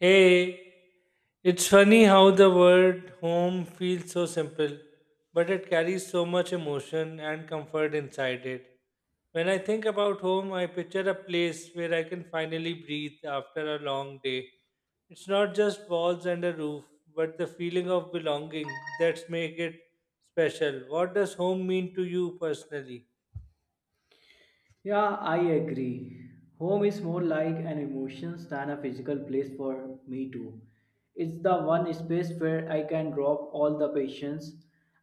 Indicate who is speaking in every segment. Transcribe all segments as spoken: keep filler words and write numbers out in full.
Speaker 1: Hey, it's funny how the word home feels so simple, but it carries so much emotion and comfort inside it. When I think about home, I picture a place where I can finally breathe after a long day. It's not just walls and a roof, but the feeling of belonging that's make it special. What does home mean to you personally?
Speaker 2: Yeah, I agree. Home is more like an emotions than a physical place for me too. It's the one space where I can drop all the patience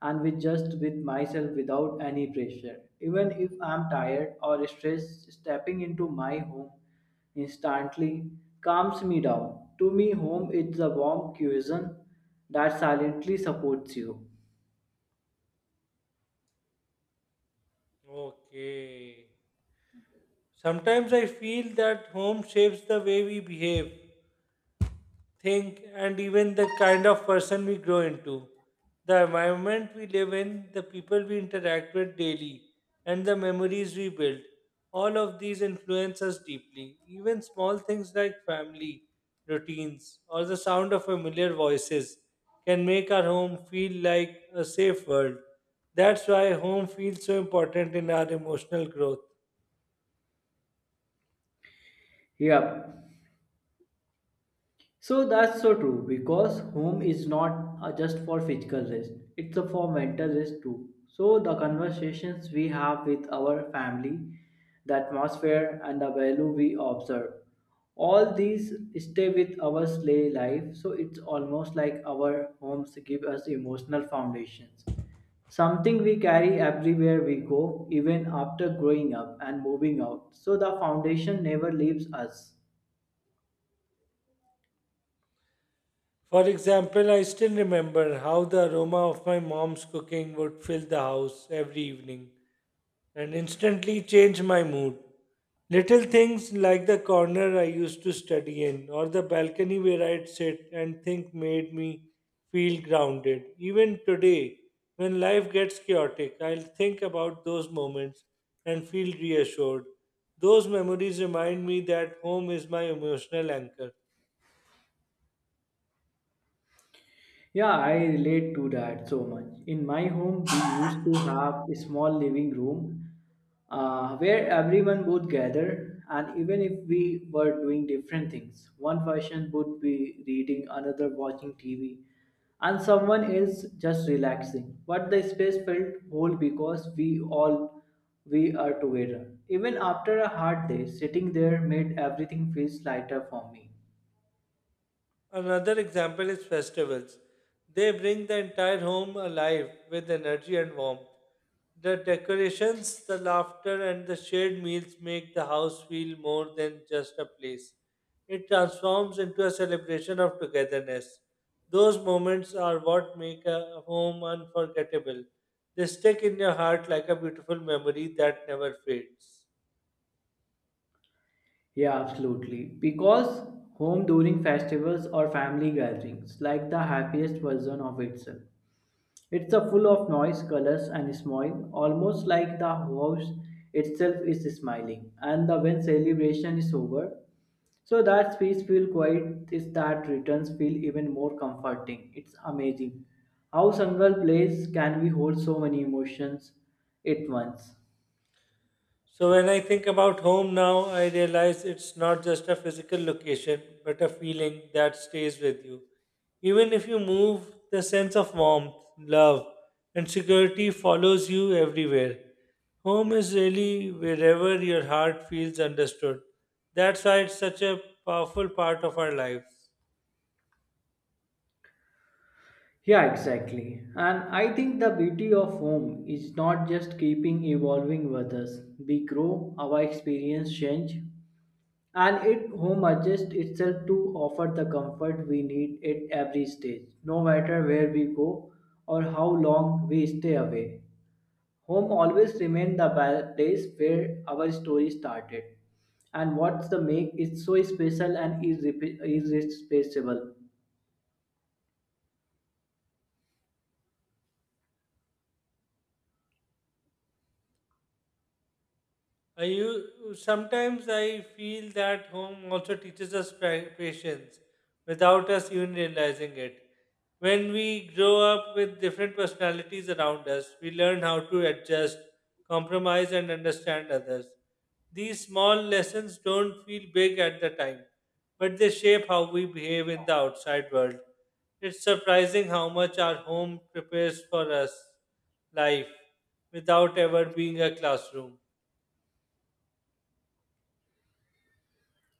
Speaker 2: and with just with myself without any pressure. Even if I'm tired or stressed, stepping into my home instantly calms me down. To me, home is the warm cushion that silently supports you.
Speaker 1: Okay. Sometimes I feel that home shapes the way we behave. Think, and even the kind of person we grow into. The environment we live in, the people we interact with daily, and the memories we build. All of these influence us deeply. Even small things like family, routines, or the sound of familiar voices can make our home feel like a safe world. That's why home feels so important in our emotional growth.
Speaker 2: Yep. So that's so true because home is not uh, just for physical rest, it's a for mental rest too. So the conversations we have with our family, the atmosphere and the value we observe, all these stay with our slay life. So it's almost like our homes give us emotional foundations, something we carry everywhere we go, even after growing up and moving out. So the foundation never leaves us.
Speaker 1: For example, I still remember how the aroma of my mom's cooking would fill the house every evening and instantly change my mood. Little things like the corner I used to study in or the balcony where I'd sit and think made me feel grounded. Even today, when life gets chaotic, I'll think about those moments and feel reassured. Those memories remind me that home is my emotional anchor.
Speaker 2: Yeah, I relate to that so much. In my home, we used to have a small living room uh, where everyone would gather, and even if we were doing different things, one person would be reading, another watching T V, and someone is just relaxing. But the space felt whole because we all we are together. Even after a hard day, sitting there made everything feels lighter for me.
Speaker 1: Another example is festivals. They bring the entire home alive with energy and warmth. The decorations, the laughter, and the shared meals make the house feel more than just a place. It transforms into a celebration of togetherness. Those moments are what make a home unforgettable. They stick in your heart like a beautiful memory that never fades.
Speaker 2: Yeah, absolutely. Because home during festivals or family gatherings, like the happiest version of itself. It's a full of noise, colors, and smile, almost like the house itself is smiling. And the when celebration is over, so that space feel quiet is that returns feel even more comforting. It's amazing how single place can we hold so many emotions at once.
Speaker 1: So when I think about home now, I realize it's not just a physical location, but a feeling that stays with you. Even if you move, the sense of warmth, love, and security follows you everywhere. Home is really wherever your heart feels understood. That's why it's such a powerful part of our lives.
Speaker 2: Yeah, exactly. And I think the beauty of home is not just keeping evolving with us. We grow, our experience change, and it home adjusts itself to offer the comfort we need at every stage, no matter where we go or how long we stay away. Home always remains the ba- place where our story started, and what's the make it so special and irrep- irreplaceable.
Speaker 1: I u- sometimes I feel that home also teaches us pa- patience without us even realizing it. When we grow up with different personalities around us, we learn how to adjust, compromise, and understand others. These small lessons don't feel big at the time, but they shape how we behave in the outside world. It's surprising how much our home prepares for us life without ever being a classroom.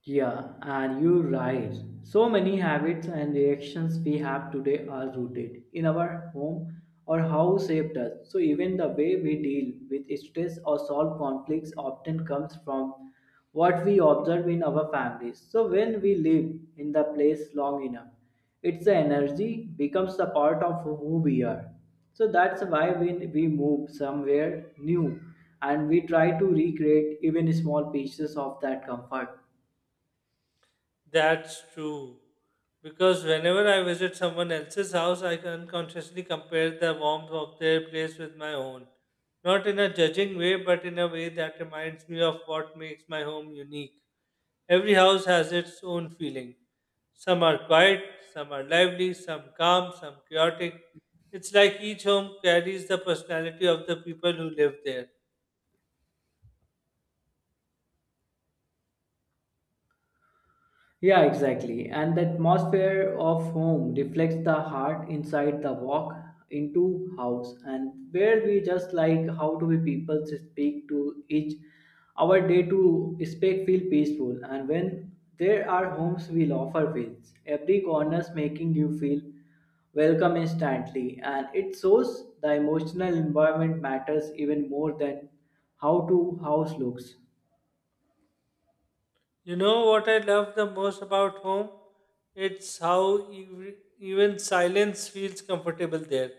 Speaker 2: Yeah, and you're right. So many habits and reactions we have today are rooted in our home or how shaped us. So even the way we deal with stress or solve conflicts often comes from what we observe in our families. So when we live in the place long enough, its energy becomes a part of who we are. So that's why when we move somewhere new and we try to recreate even small pieces of that comfort.
Speaker 1: That's true. Because whenever I visit someone else's house, I can unconsciously compare the warmth of their place with my own. Not in a judging way, but in a way that reminds me of what makes my home unique. Every house has its own feeling. Some are quiet, some are lively, some calm, some chaotic. It's like each home carries the personality of the people who live there.
Speaker 2: Yeah, exactly. And the atmosphere of home reflects the heart inside the walk into house and where we just like how do we people speak to each our day to speak feel peaceful and when there are homes will offer fields every corner's making you feel welcome instantly and it shows the emotional environment matters even more than how to house looks.
Speaker 1: You know what I love the most about home? It's how ev- even silence feels comfortable there.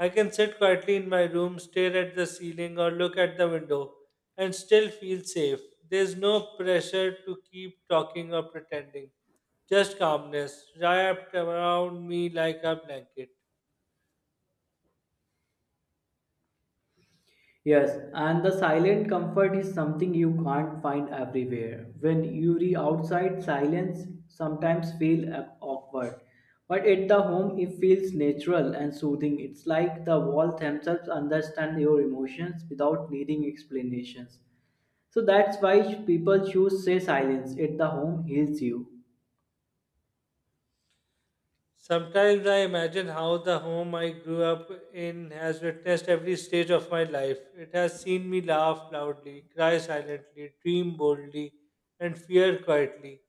Speaker 1: I can sit quietly in my room, stare at the ceiling, or look at the window and still feel safe. There's no pressure to keep talking or pretending, just calmness wrapped around me like a blanket.
Speaker 2: Yes, and the silent comfort is something you can't find everywhere. When you re outside, silence sometimes feel uh, awkward, but at the home it feels natural and soothing. It's like the walls themselves understand your emotions without needing explanations. So that's why people choose say silence at the home heals you.
Speaker 1: Sometimes I imagine how the home I grew up in has witnessed every stage of my life. It has seen me laugh loudly, cry silently, dream boldly, and fear quietly.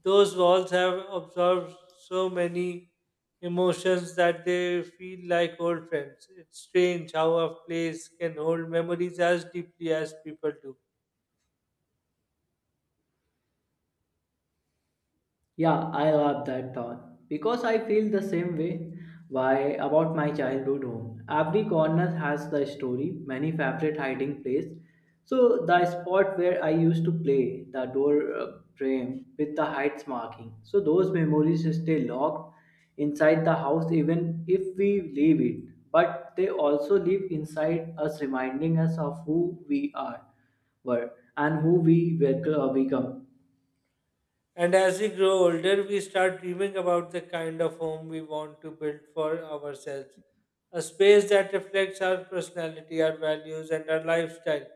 Speaker 1: Those walls have absorbed so many emotions that they feel like old friends. It's strange how a place can hold memories as deeply as people do.
Speaker 2: Yeah, I love that thought because I feel the same way why about my childhood home. Every corner has the story, many favorite hiding place. So the spot where I used to play, the door uh, frame with the heights marking. So those memories stay locked inside the house even if we leave it. But they also live inside us reminding us of who we are were and who we will become.
Speaker 1: And as we grow older, we start dreaming about the kind of home we want to build for ourselves. A space that reflects our personality, our values, and our lifestyle.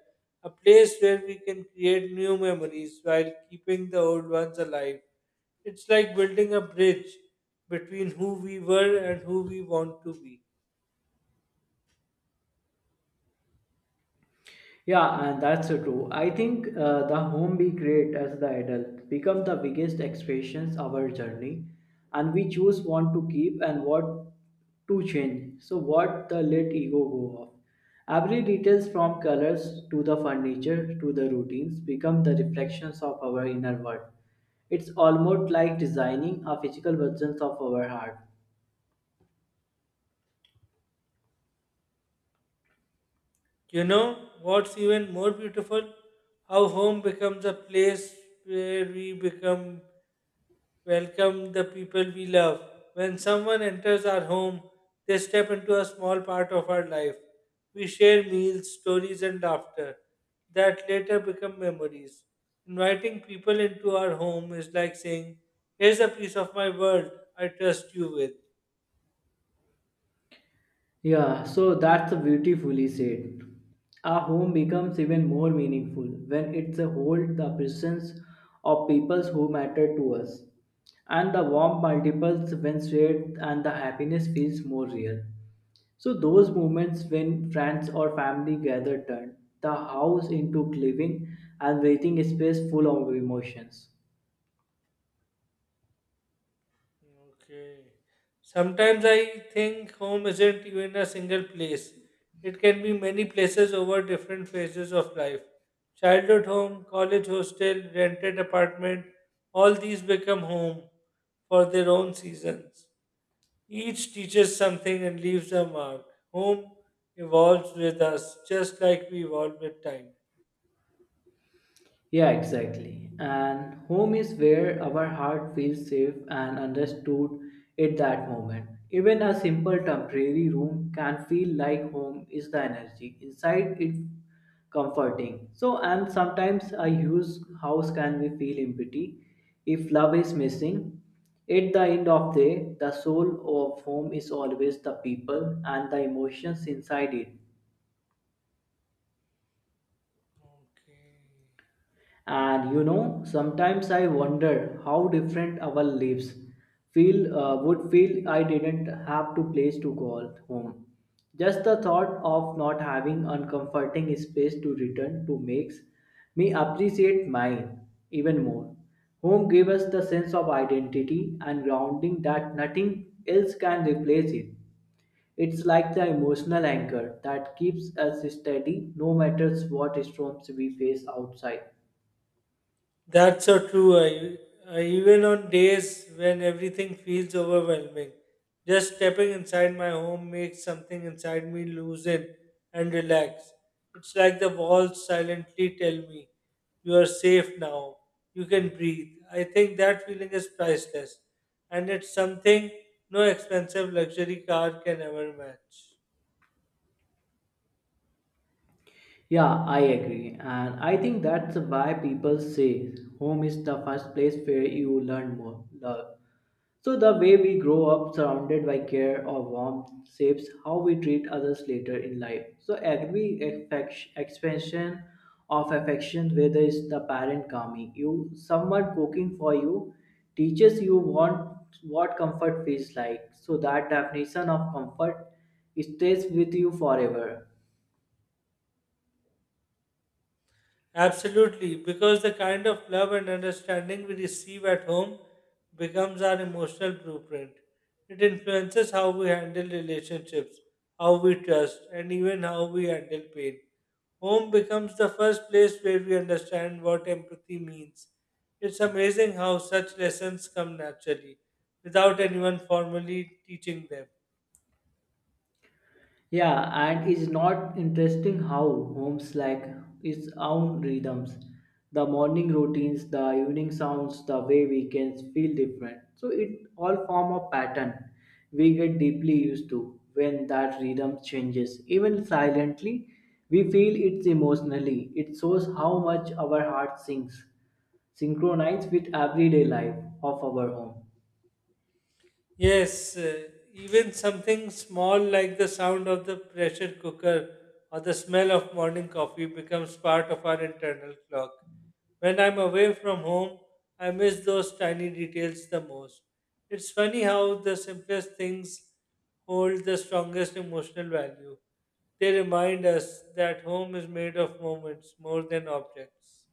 Speaker 1: A place where we can create new memories while keeping the old ones alive. It's like building a bridge between who we were and who we want to be.
Speaker 2: Yeah, and that's so true. I think uh, the home we create as the adult become the biggest expressions of our journey, and we choose what to keep and what to change. So what the let ego go off. Every details from colors to the furniture to the routines become the reflections of our inner world. It's almost like designing a physical version of our heart.
Speaker 1: You know what's even more beautiful? How home becomes a place where we become welcome the people we love. When someone enters our home, they step into a small part of our life. We share meals, stories, and laughter that later become memories. Inviting people into our home is like saying, Here's a piece of my world I trust you with.
Speaker 2: Yeah, so that's beautifully said. A home becomes even more meaningful when it's a hold the presence of people who matter to us. And the warmth multiples when shared and the happiness feels more real. So those moments when friends or family gather turn the house into living and breathing space full of emotions.
Speaker 1: Okay. Sometimes I think home isn't even a single place. It can be many places over different phases of life. Childhood home, college hostel, rented apartment, all these become home for their own seasons. Each teaches something and leaves a mark. Home evolves with us just like we evolve with time.
Speaker 2: Yeah, exactly. And home is where our heart feels safe and understood at that moment. Even a simple temporary room can feel like home is the energy inside it comforting. So, and sometimes a huge house can be feel empty if love is missing. At the end of the day, the soul of home is always the people and the emotions inside it.
Speaker 1: Okay.
Speaker 2: And you know, sometimes I wonder how different our lives feel uh, would feel I didn't have to place to call home. Just the thought of not having uncomforting space to return to makes me appreciate mine even more. Home gave us the sense of identity and grounding that nothing else can replace it. It's like the emotional anchor that keeps us steady no matter what storms we face outside.
Speaker 1: That's so true. I, I, even on days when everything feels overwhelming, just stepping inside my home makes something inside me loosen and relax. It's like the walls silently tell me, You are safe now. You can breathe. I think that feeling is priceless. And it's something no expensive luxury car can ever match.
Speaker 2: Yeah, I agree. And I think that's why people say home is the first place where you learn more love. So, the way we grow up surrounded by care or warmth shapes how we treat others later in life. So, every affection, expansion of affection, whether it's the parent calming you, someone cooking for you, teaches you want, what comfort feels like. So, that definition of comfort stays with you forever.
Speaker 1: Absolutely, because the kind of love and understanding we receive at home becomes our emotional blueprint. It influences how we handle relationships, how we trust, and even how we handle pain. Home becomes the first place where we understand what empathy means. It's amazing how such lessons come naturally without anyone formally teaching them.
Speaker 2: Yeah, and it's not interesting how homes like its own rhythms. The morning routines, the evening sounds, the way weekends feel different. So it all form a pattern we get deeply used to when that rhythm changes. Even silently, we feel it emotionally. It shows how much our heart sinks, synchronized with everyday life of our home.
Speaker 1: Yes, uh, even something small like the sound of the pressure cooker or the smell of morning coffee becomes part of our internal clock. When I'm away from home, I miss those tiny details the most. It's funny how the simplest things hold the strongest emotional value. They remind us that home is made of moments more than objects.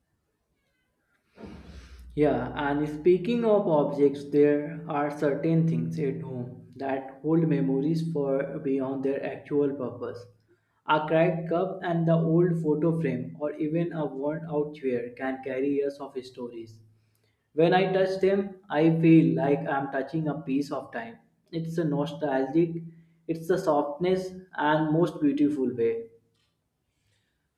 Speaker 2: Yeah, and speaking of objects, there are certain things at home that hold memories for beyond their actual purpose. A cracked cup and the old photo frame, or even a worn out chair, can carry years of stories. When I touch them, I feel like I'm touching a piece of time. It's a nostalgic, it's a softness, and most beautiful way.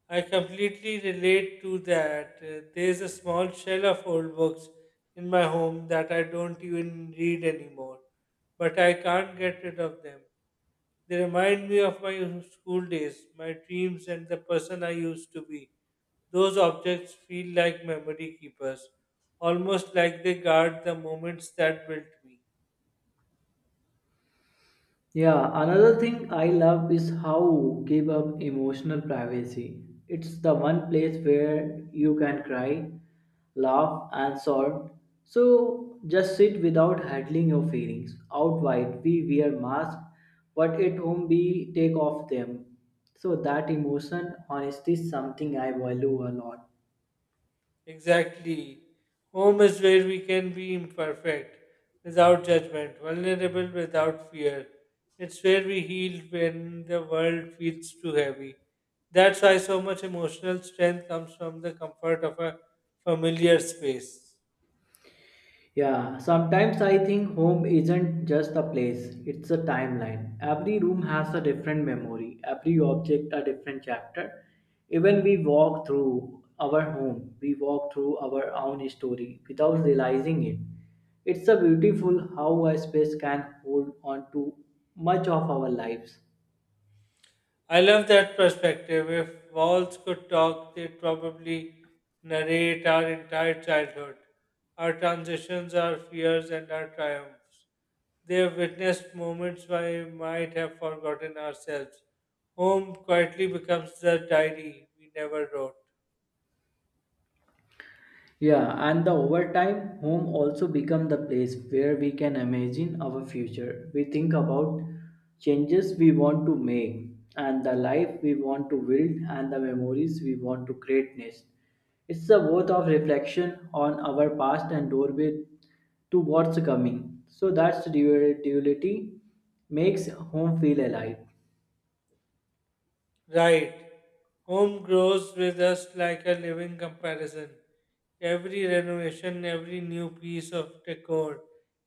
Speaker 1: I completely relate to that. Uh, There's a small shelf of old books in my home that I don't even read anymore, but I can't get rid of them. They remind me of my school days, my dreams, and the person I used to be. Those objects feel like memory keepers, almost like they guard the moments that built me.
Speaker 2: Yeah, another thing I love is how give up emotional privacy. It's the one place where you can cry, laugh, and sob. So just sit without handling your feelings. Out wide, we wear masks, but at home we take off them. So that emotion honesty is something I value a lot.
Speaker 1: Exactly. Home is where we can be imperfect without judgment, vulnerable without fear. It's where we heal when the world feels too heavy. That's why so much emotional strength comes from the comfort of a familiar space.
Speaker 2: Yeah, sometimes I think home isn't just a place, it's a timeline. Every room has a different memory, every object a different chapter. Even we walk through our home, we walk through our own story without realizing it. It's a beautiful how a space can hold on to much of our lives.
Speaker 1: I love that perspective. If walls could talk, they'd probably narrate our entire childhood, our transitions, our fears, and our triumphs. They have witnessed moments we might have forgotten ourselves. Home quietly becomes the diary we never wrote.
Speaker 2: Yeah, and the overtime home also become the place where we can imagine our future. We think about changes we want to make and the life we want to build and the memories we want to create next. It's the worth of reflection on our past and doorway to what's coming. So that's duality makes home feel alive.
Speaker 1: Right. Home grows with us like a living comparison. Every renovation, every new piece of decor,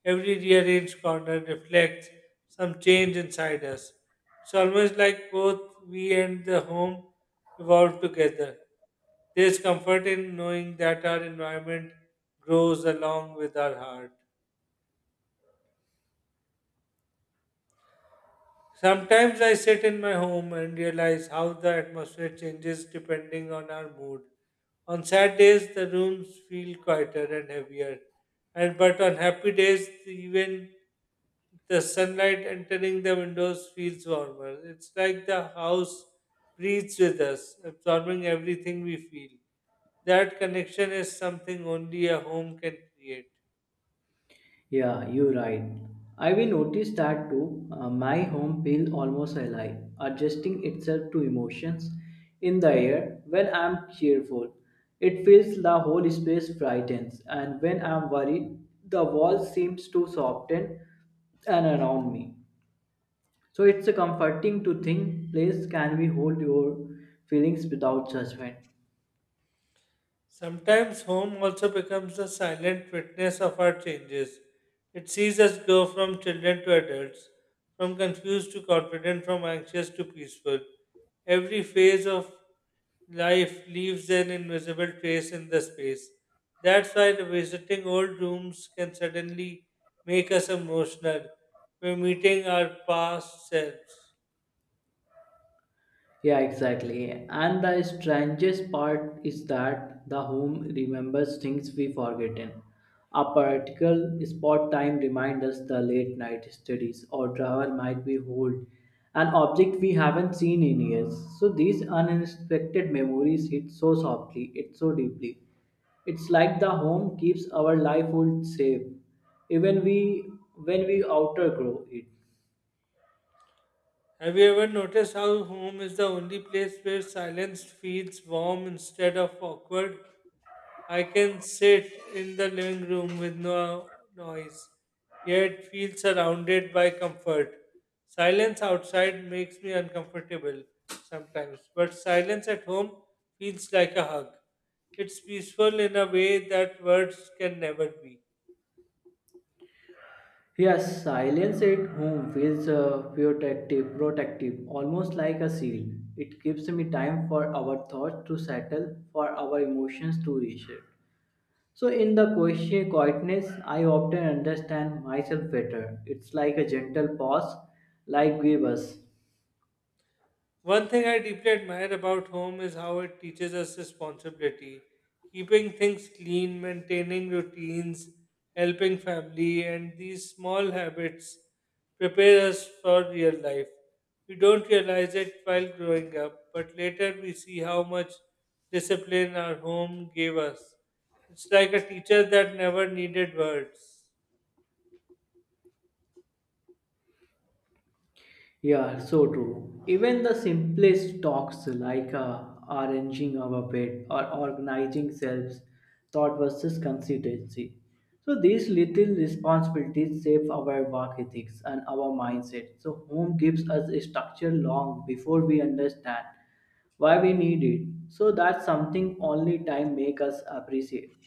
Speaker 1: every rearranged corner reflects some change inside us. It's almost like both we and the home evolve together. There's comfort in knowing that our environment grows along with our heart. Sometimes I sit in my home and realize how the atmosphere changes depending on our mood. On sad days, the rooms feel quieter and heavier, and but on happy days, even the sunlight entering the windows feels warmer. It's like the house breathes with us, absorbing everything we feel. That connection is something only a home can create.
Speaker 2: Yeah, you're right. I have noticed that too. Uh, my home feels almost alive, adjusting itself to emotions in the air when I'm cheerful. It feels the whole space brightens, and when I'm worried, the wall seems to soften and around me. So it's a comforting to think place can we hold your feelings without judgment.
Speaker 1: Sometimes home also becomes a silent witness of our changes. It sees us grow from children to adults, from confused to confident, from anxious to peaceful. Every phase of life leaves an invisible trace in the space. That's why visiting old rooms can suddenly make us emotional. We're meeting our past selves.
Speaker 2: Yeah, exactly. And the strangest part is that the home remembers things we forgotten. A particular spot time reminds us the late night studies or travel might be hold an object we haven't seen in years. So these unexpected memories hit so softly, it's so deeply. It's like the home keeps our life hold safe, even we when we outgrow it.
Speaker 1: Have you ever noticed how home is the only place where silence feels warm instead of awkward? I can sit in the living room with no noise, yet feel surrounded by comfort. Silence outside makes me uncomfortable sometimes, but silence at home feels like a hug. It's peaceful in a way that words can never be.
Speaker 2: Yes, silence at home feels uh, protective, protective, almost like a shield. It gives me time for our thoughts to settle, for our emotions to reshape. So, in the quiet- quietness, I often understand myself better. It's like a gentle pause, like give us.
Speaker 1: One thing I deeply admire about home is how it teaches us responsibility, keeping things clean, maintaining routines, helping family, and these small habits prepare us for real life. We don't realize it while growing up, but later we see how much discipline our home gave us. It's like a teacher that never needed words.
Speaker 2: Yeah, so true. Even the simplest talks like uh, arranging our bed or organizing selves, thought versus consistency. So these little responsibilities shape our work ethics and our mindset. So home gives us a structure long before we understand why we need it. So that's something only time make us appreciate.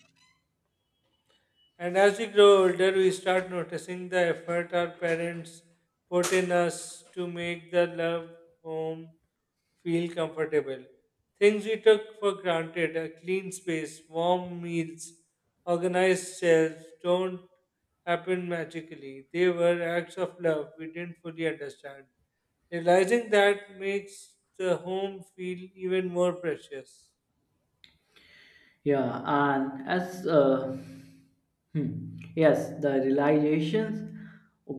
Speaker 1: And as we grow older, we start noticing the effort our parents put in us to make the love home feel comfortable. Things we took for granted a clean space, warm meals, organized shelves don't happen magically. They were acts of love we didn't fully understand. Realizing that makes the home feel even more precious.
Speaker 2: Yeah, and as uh, hmm, yes, the realizations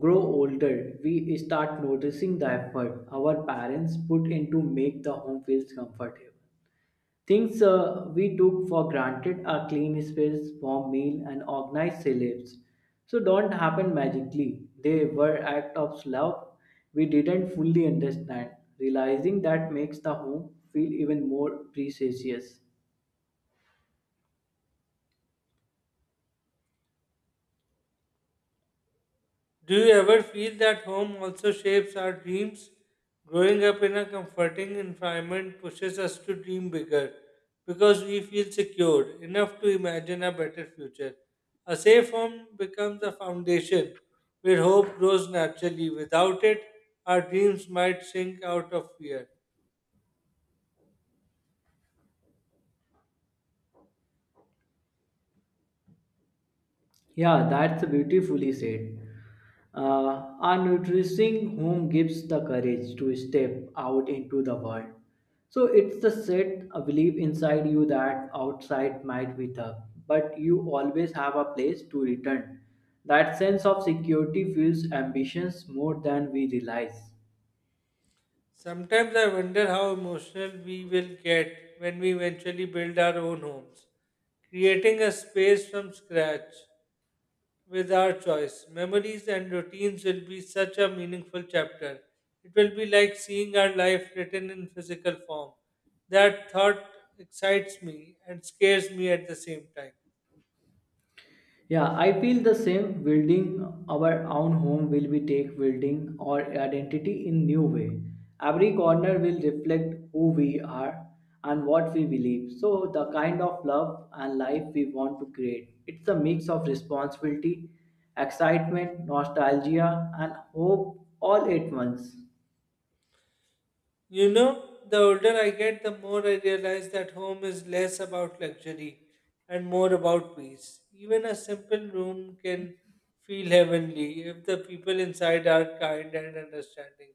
Speaker 2: grow older, we start noticing the effort our parents put in to make the home feels comfortable. Things uh, we took for granted are clean space, warm meal, and organized sleeps. So don't happen magically. They were act of love we didn't fully understand. Realizing that makes the home feel even more precious.
Speaker 1: Do you ever feel that home also shapes our dreams? Growing up in a comforting environment pushes us to dream bigger because we feel secure enough to imagine a better future. A safe home becomes a foundation where hope grows naturally. Without it, our dreams might sink out of fear.
Speaker 2: Yeah, that's beautifully said. Uh, a nourishing home gives the courage to step out into the world. So it's the set a belief inside you that outside might be tough, but you always have a place to return. That sense of security fuels ambitions more than we realize.
Speaker 1: Sometimes I wonder how emotional we will get when we eventually build our own homes creating a space from scratch with our choice. Memories and routines will be such a meaningful chapter. It will be like seeing our life written in physical form. That thought excites me and scares me at the same time.
Speaker 2: Yeah, I feel the same. Building our own home will be take building our identity in new way. Every corner will reflect who we are and what we believe. So the kind of love and life we want to create. It's a mix of responsibility, excitement, nostalgia, and hope all at once.
Speaker 1: You know, the older I get, the more I realize that home is less about luxury and more about peace. Even a simple room can feel heavenly if the people inside are kind and understanding.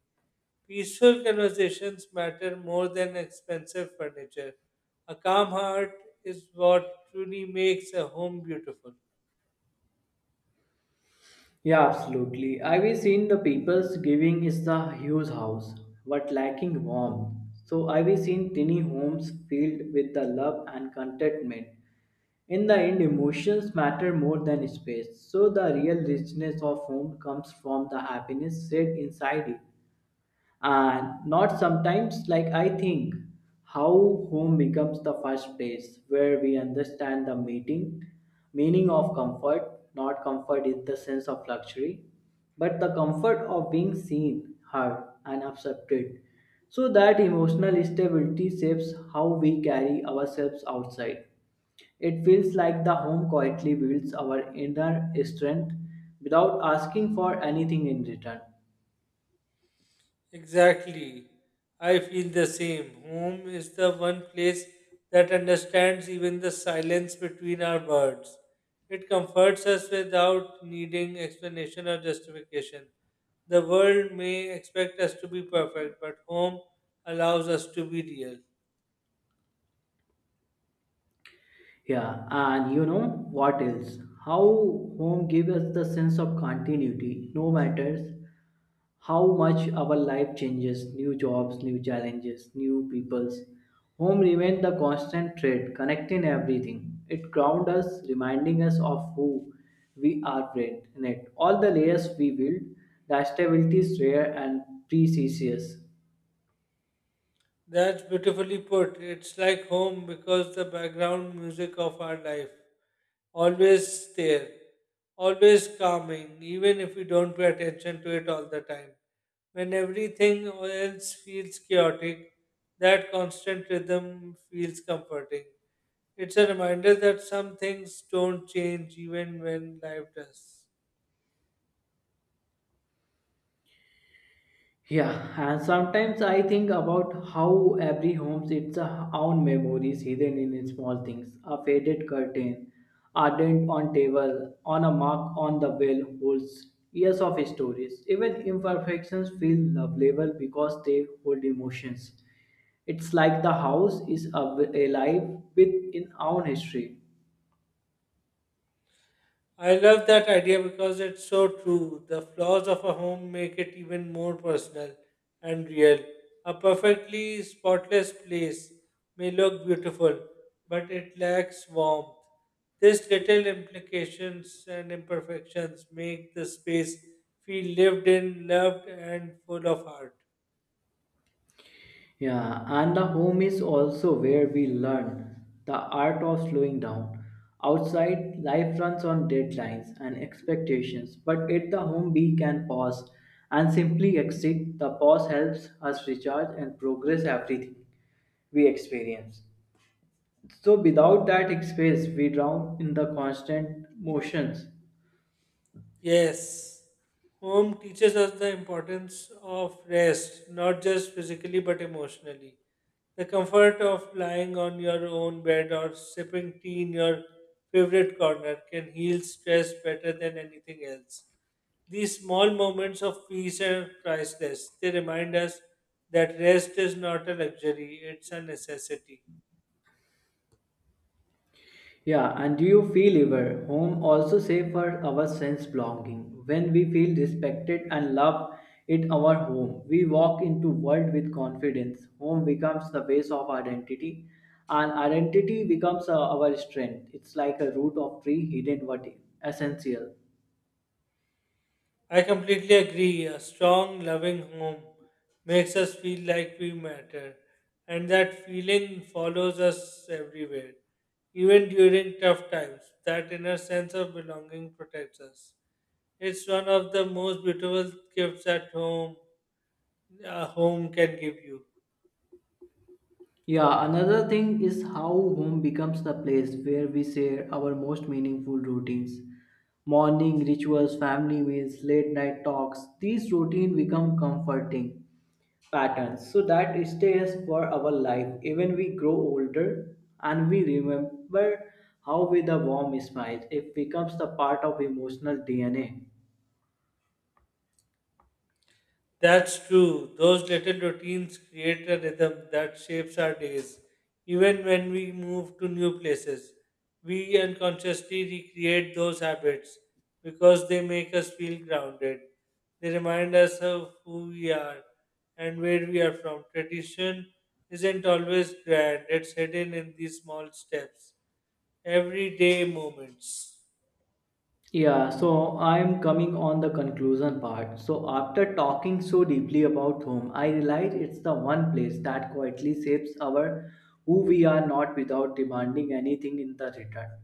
Speaker 1: Peaceful conversations matter more than expensive furniture. A calm heart is what truly makes a home beautiful.
Speaker 2: Yeah, absolutely. I've seen the people's giving is the huge house, but lacking warmth. So I've seen tiny homes filled with the love and contentment. In the end, emotions matter more than space. So the real richness of home comes from the happiness set inside it, and not sometimes like I think how home becomes the first place where we understand the meeting meaning of comfort. Not comfort is the sense of luxury, but the comfort of being seen, heard, and accepted. So that emotional stability shapes how we carry ourselves outside. It feels like the home quietly builds our inner strength without asking for anything in return.
Speaker 1: Exactly. I feel the same. Home is the one place that understands even the silence between our words. It comforts us without needing explanation or justification. The world may expect us to be perfect, but home allows us to be real.
Speaker 2: Yeah, and you know what else? How home gives us the sense of continuity. No matters how much our life changes, new jobs, new challenges, new peoples. Home remains the constant thread connecting everything. It grounds us, reminding us of who we are in it. All the layers we build, the stability is rare and precious.
Speaker 1: That's beautifully put. It's like home because the background music of our life. Always there, always calming, even if we don't pay attention to it all the time. When everything else feels chaotic, that constant rhythm feels comforting. It's a reminder that some things don't change even when life does.
Speaker 2: Yeah, and sometimes I think about how every home's its a own memories hidden in small things. A faded curtain, a dent on table, on a mark on the wall holds years of stories. Even imperfections feel lovable because they hold emotions. It's like the house is av- alive with its own history.
Speaker 1: I love that idea because it's so true. The flaws of a home make it even more personal and real. A perfectly spotless place may look beautiful, but it lacks warmth. These little implications and imperfections make the space feel lived in, loved, and full of heart.
Speaker 2: Yeah, and the home is also where we learn the art of slowing down. Outside, life runs on deadlines and expectations, but at the home, we can pause and simply exit. The pause helps us recharge and progress everything we experience. So, without that space, we drown in the constant motions.
Speaker 1: Yes, home teaches us the importance of rest, not just physically but emotionally. The comfort of lying on your own bed or sipping tea in your favorite corner can heal stress better than anything else. These small moments of peace are priceless. They remind us that rest is not a luxury, it's a necessity.
Speaker 2: Yeah, and do you feel ever home also safe for our sense belonging? When we feel respected and loved it our home, we walk into world with confidence. Home becomes the base of identity, and identity becomes uh, our strength. It's like a root of tree hidden but essential.
Speaker 1: I completely agree. A strong, loving home makes us feel like we matter, and that feeling follows us everywhere, even during tough times. That inner sense of belonging protects us. It's one of the most beautiful gifts at home a home can give you.
Speaker 2: Yeah, another thing is how home becomes the place where we share our most meaningful routines. Morning rituals, family meals, late night talks, these routines become comforting patterns so that it stays for our life even we grow older, and we remember how with a warm smile it becomes the part of emotional D N A.
Speaker 1: That's true. Those little routines create a rhythm that shapes our days. Even when we move to new places, we unconsciously recreate those habits because they make us feel grounded. They remind us of who we are and where we are from. Tradition isn't always grand, it's hidden in these small steps, everyday moments.
Speaker 2: Yeah, so I'm coming on the conclusion part. So after talking so deeply about home, I realize it's the one place that quietly shapes our who we are not without demanding anything in the return.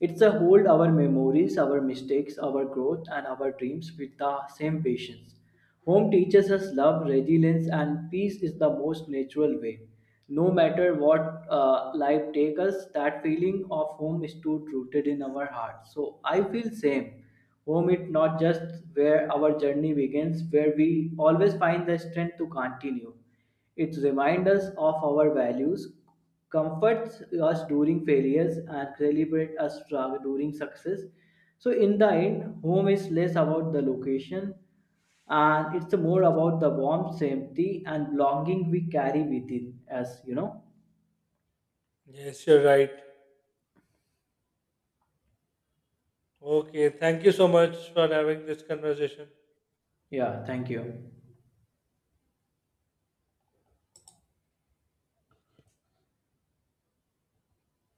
Speaker 2: It's a hold our memories, our mistakes, our growth, and our dreams with the same patience. Home teaches us love, resilience, and peace is the most natural way. No matter what uh, life takes us, that feeling of home is too rooted in our hearts. So I feel same. Home is not just where our journey begins, where we always find the strength to continue. It reminds us of our values, comforts us during failures and celebrate us tra- during success. So in the end, home is less about the location, and it's more about the warmth, safety, and belonging we carry within us you know
Speaker 1: Yes, you're right. Okay, thank you so much for having this conversation.
Speaker 2: Yeah, thank you.